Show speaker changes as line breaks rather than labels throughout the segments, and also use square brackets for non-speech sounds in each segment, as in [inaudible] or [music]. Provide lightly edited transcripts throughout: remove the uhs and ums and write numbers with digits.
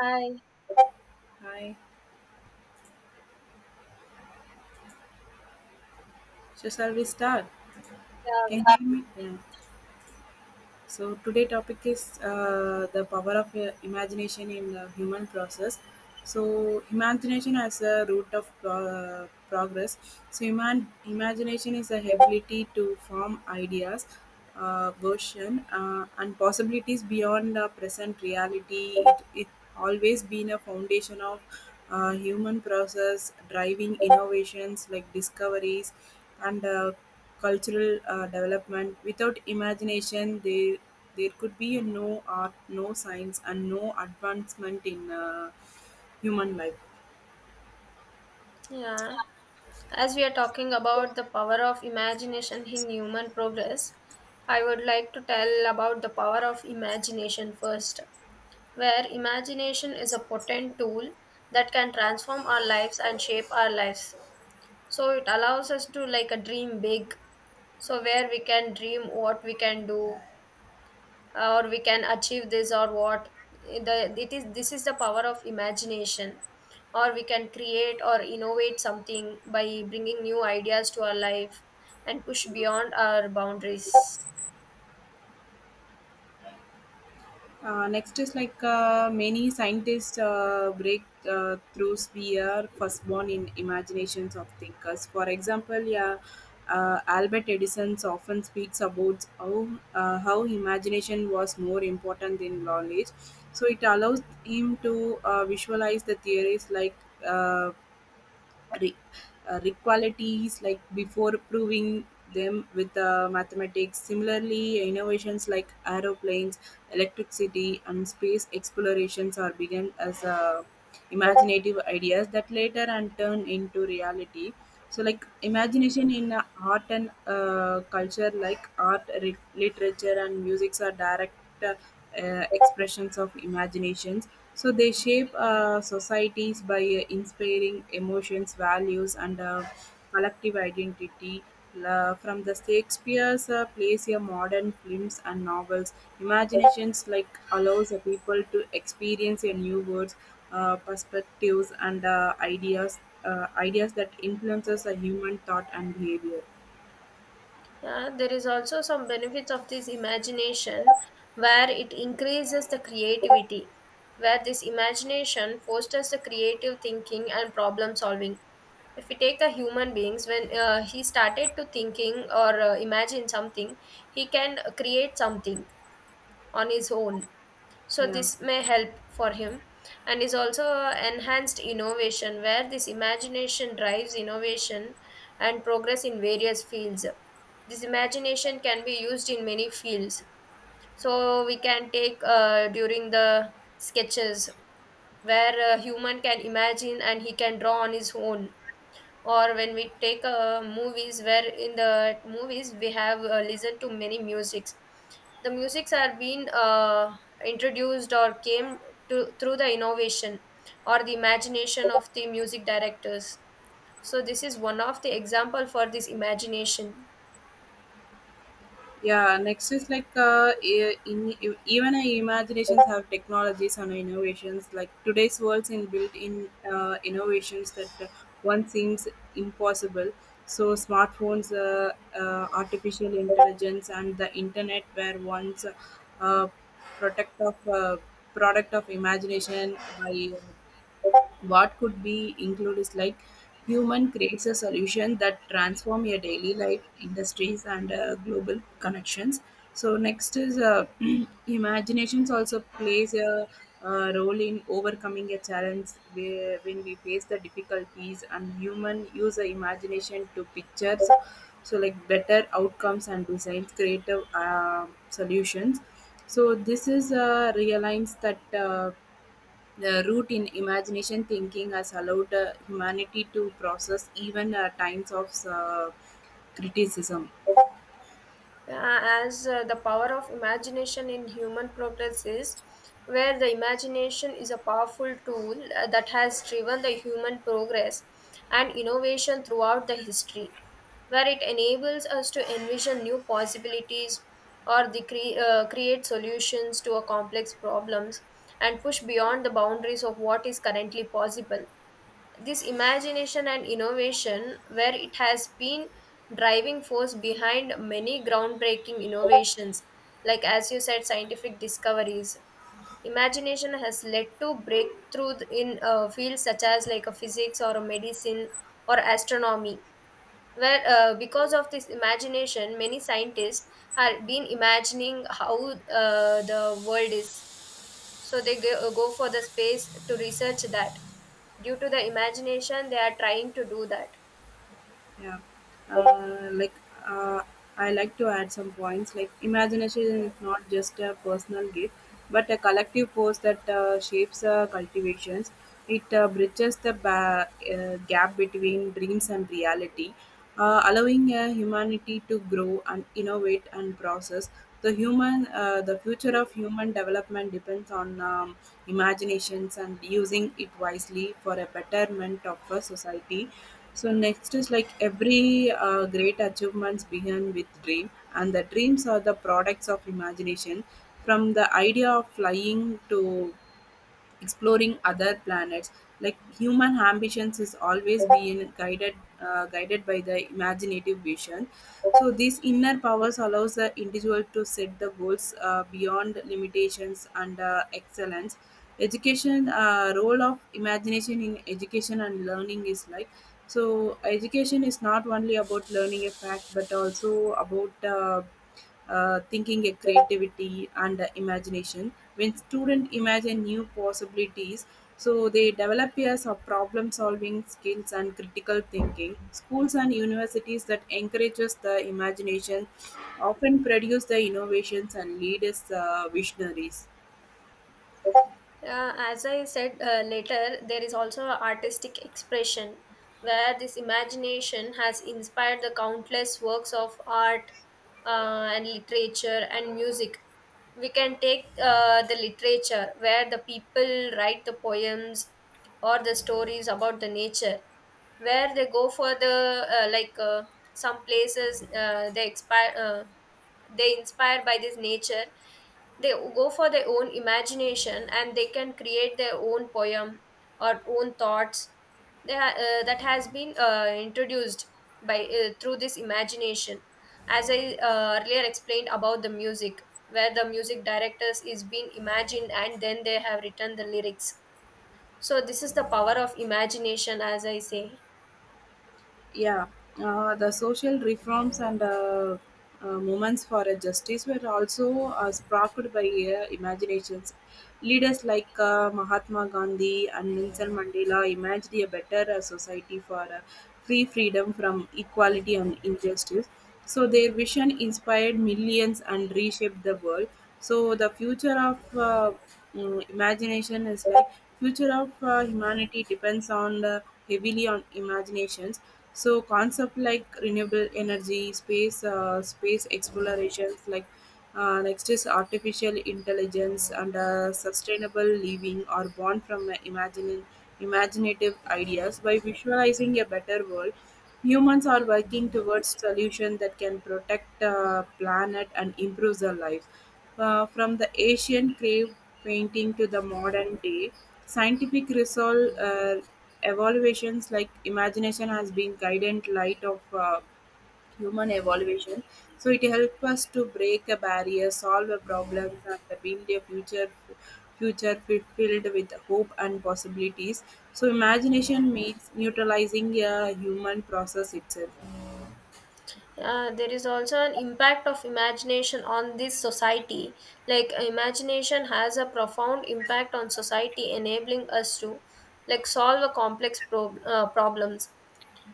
Hi.
Hi. So shall we start?
Yeah,
Can
we
you hear me? Yeah. So today topic is the power of imagination in the human process. So imagination as a root of progress. So imagination is the ability to form ideas, version, and possibilities beyond the present reality. It always been a foundation of human process driving innovations like discoveries and cultural development. Without imagination, there could be no art, no science, and no advancement in human life.
can. Yeah. As we are talking about the power of imagination in human progress, I would like to tell about the power of imagination first, where imagination is a potent tool that can transform our lives and shape our lives. So it allows us to like a dream big. So where we can dream what we can do, or we can achieve this or what the it is this is the power of imagination, or we can create or innovate something by bringing new ideas to our life and push beyond our boundaries.
Next is like many scientists break through sphere firstborn in imaginations of thinkers. For example, Albert Edison often speaks about how imagination was more important than knowledge. So it allows him to visualize the theories like uh, re- requalities like before proving them with mathematics. Similarly, innovations like aeroplanes, electricity, and space explorations are begun as imaginative ideas that later and turn into reality. So like imagination in art and culture, like literature and musics are direct uh, expressions of imaginations, so they shape societies by inspiring emotions, values, and collective identity. From the Shakespeare's plays here, modern films and novels, imaginations like allows the people to experience a new worlds, perspectives, and ideas that influences a human thought and behavior.
Yeah, there is also some benefits of this imagination, where it increases the creativity, where this imagination fosters the creative thinking and problem solving. If we take the human beings, when he started to thinking or imagine something, he can create something on his own. So
Yeah,
this may help for him, and is also enhanced innovation where this imagination drives innovation and progress in various fields. This imagination can be used in many fields. So we can take during the sketches, where a human can imagine and he can draw on his own, or when we take movies, where in the movies we have listened to many musics. The musics are being introduced or came to through the innovation or the imagination of the music directors. So this is one of the example for this imagination.
yeah, next is like even our imaginations have technologies and innovations like today's world's in built-in innovations that one seems impossible. So smartphones, artificial intelligence and the internet were once uh, product of uh, product of imagination by. What could be included is like human creates a solution that transform your daily life, industries, and global connections. So next is [clears throat] imaginations also plays a, role in overcoming a challenge where, when we face the difficulties and human use the imagination to pictures, so like better outcomes and designs creative solutions. So this is realigns that the root in imagination thinking has allowed humanity to process even times of criticism.
As the power of imagination in human progress is where the imagination is a powerful tool that has driven the human progress and innovation throughout the history, where it enables us to envision new possibilities or create solutions to a complex problems and push beyond the boundaries of what is currently possible. This imagination and innovation, where it has been driving force behind many groundbreaking innovations, like as you said scientific discoveries. Imagination has led to breakthrough in fields such as like a physics or a medicine or astronomy, where because of this imagination many scientists have been imagining how the world is, so they go for the space to research that. Due to the imagination they are trying to do that.
Yeah, uh, like uh, I like to add some points. Like
Yeah.
imagination is not just a personal gift, but a collective force that shapes cultivations. It bridges the gap between dreams and reality, allowing a humanity to grow and innovate and process. The future of human development depends on imaginations and using it wisely for a betterment of a society. So next is like every great achievements begin with dream, and the dreams are the products of imagination. From the idea of flying to exploring other planets. Like human ambitions is always being guided by the imaginative vision. So these inner powers allows the individual to set the goals beyond limitations and excellence. Education role of imagination in education and learning is like, so education is not only about learning a fact, but also about thinking, a creativity, and imagination. When students imagine new possibilities, so they develop years of problem solving skills and critical thinking. Schools and universities that encourages the imagination often produce the innovations and lead as visionaries.
As I said later, there is also a artistic expression where this imagination has inspired the countless works of art and literature and music. We can take the literature, where the people write the poems or the stories about the nature, where they go for the some places they expire they inspired by this nature. They go for their own imagination and they can create their own poem or own thoughts. They that has been introduced by through this imagination. As I earlier explained about the music, where the music directors is being imagined and then they have written the lyrics. So this is the power of imagination, as I say.
Yeah, the social reforms and movements for justice were also sparked by imaginations. Leaders like Mahatma Gandhi and Nelson Mandela imagined a better society for freedom from equality and injustice. So their vision inspired millions and reshaped the world. So the future of imagination is like future of humanity depends on the heavily on imaginations. So concept like renewable energy, space, space explorations, like next is artificial intelligence and sustainable living are born from imagining imaginative ideas by visualizing a better world. Humans are working towards solutions that can protect planet and improve their life. From the ancient cave painting to the modern day, scientific resolve evaluations like imagination has been guidant light of. Human evolution. So it helps us to break a barrier, solve a problem, and build a filled with hope and possibilities. So imagination means neutralizing a human process itself.
There is also an impact of imagination on this society, like imagination has a profound impact on society, enabling us to like solve a problems.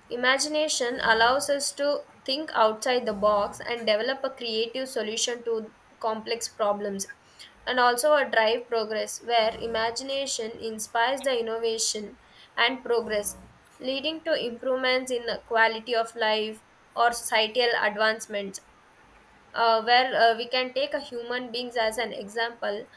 Imagination allows us to think outside the box and develop a creative solution to complex problems, and also a drive progress where imagination inspires the innovation and progress, leading to improvements in the quality of life or societal advancements. Where we can take a human beings as an example.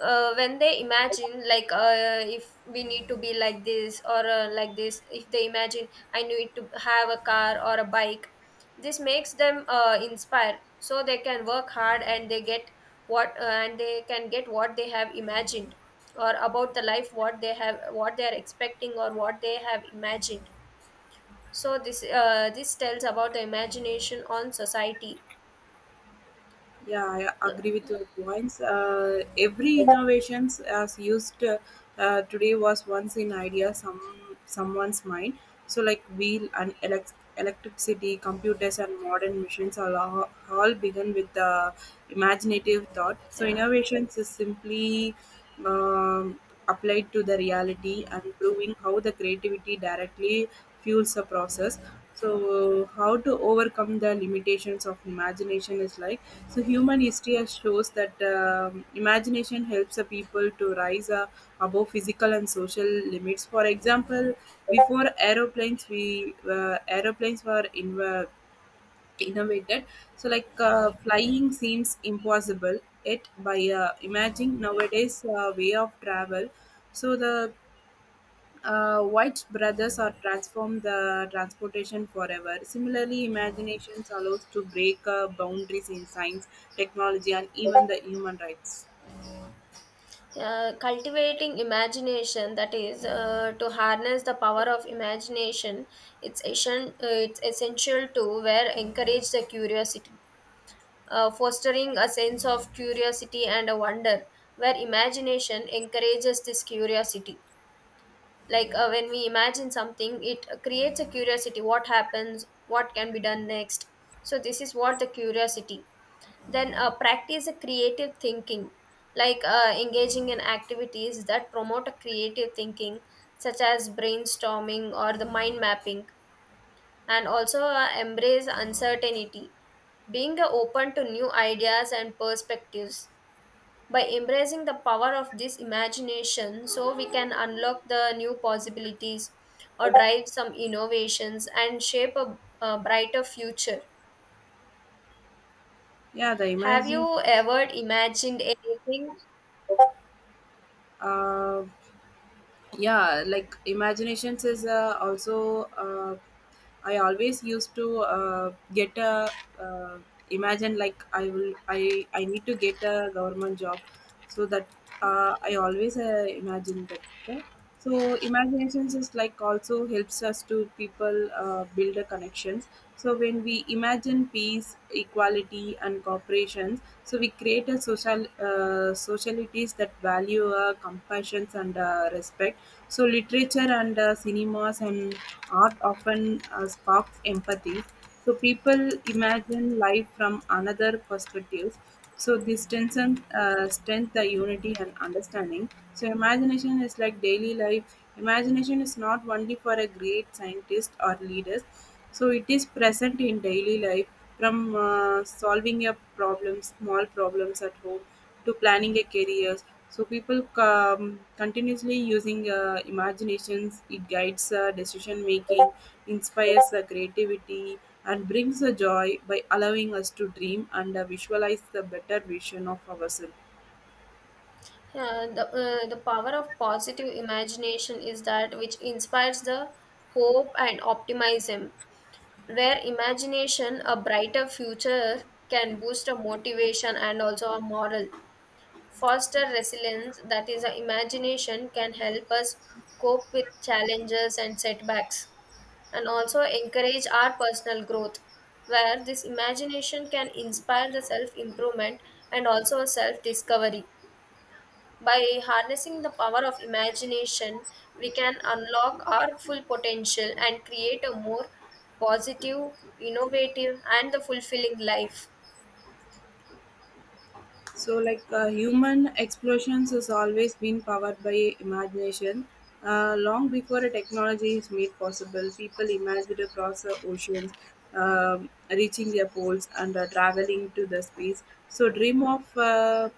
When they imagine, like if we need to be like this or like this, if they imagine I need to have a car or a bike, this makes them inspire, so they can work hard and they get what and they can get what they have imagined, or about the life, what they have, what they are expecting or what they have imagined. So this, this tells about the imagination on society.
Yeah, I agree with your points. Every innovations as used today was once in idea someone's mind. So like wheel and electricity, computers and modern machines are all begun with the imaginative thought. So
Yeah.
innovations is simply um, applied to the reality and proving how the creativity directly fuels the process. So how to overcome the limitations of imagination is like, so human history has shows that imagination helps the people to rise above physical and social limits. For example, before aeroplanes, we aeroplanes were in, innovated, so like flying seems impossible, yet by imagining nowadays way of travel. So the White's brothers are transform the transportation forever. Similarly, imaginations allows to break boundaries in science, technology, and even the human rights.
Cultivating imagination, that is to harness the power of imagination, it's, it's essential to where encourage the curiosity, fostering a sense of curiosity and a wonder, where imagination encourages this curiosity. Like when we imagine something, it creates a curiosity, what happens, what can be done next. So this is what the curiosity. Then practice a creative thinking, like engaging in activities that promote a creative thinking, such as brainstorming or the mind mapping. And also embrace uncertainty, being open to new ideas and perspectives. By embracing the power of this imagination, so we can unlock the new possibilities or drive some innovations and shape a brighter future.
Yeah, the
Have
imagine.
you ever imagined anything?
Uh, yeah, like imaginations is also I always used to get a uh, imagine like I will I need to get a government job, so that I always imagine that. uh, so imaginations is like also helps us to people build a connections. So when we imagine peace, equality and cooperation, so we create a social socialities that value compassion and respect. So literature and cinemas and art often sparks empathy. So people imagine life from another perspectives. So this strength the unity and understanding. So imagination is like daily life. Imagination is not only for a great scientist or leaders, so it is present in daily life, from solving a problem small problems at home to planning a career. So people continuously using imaginations, it guides decision making, inspires creativity, and brings a joy by allowing us to dream and visualize the better vision of ourselves.
Yeah, the power of positive imagination is that which inspires the hope and optimism, where imagination, a brighter future, can boost a motivation and also a moral. Foster resilience, that is, a imagination can help us cope with challenges and setbacks, and also encourage our personal growth, where this imagination can inspire the self improvement and also self discovery. By harnessing the power of imagination, we can unlock our full potential and create a more positive, innovative, and the fulfilling life.
So, like human explosions has always been powered by imagination. Long before a technology is made possible, people imagined across the oceans, reaching their poles, and traveling to the space. So, uh,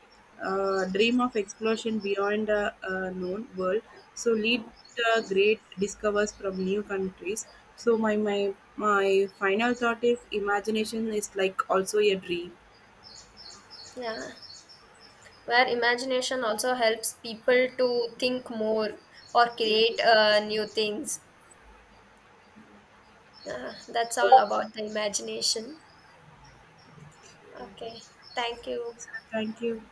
uh, dream of explosion beyond the known world. So, lead great discoveries from new countries. So, my my final thought is imagination is like also a dream.
Yeah, where imagination also helps people to think more or
Yeah.
create new things. Yeah, that's all about the imagination. Okay, thank you.
Thank you.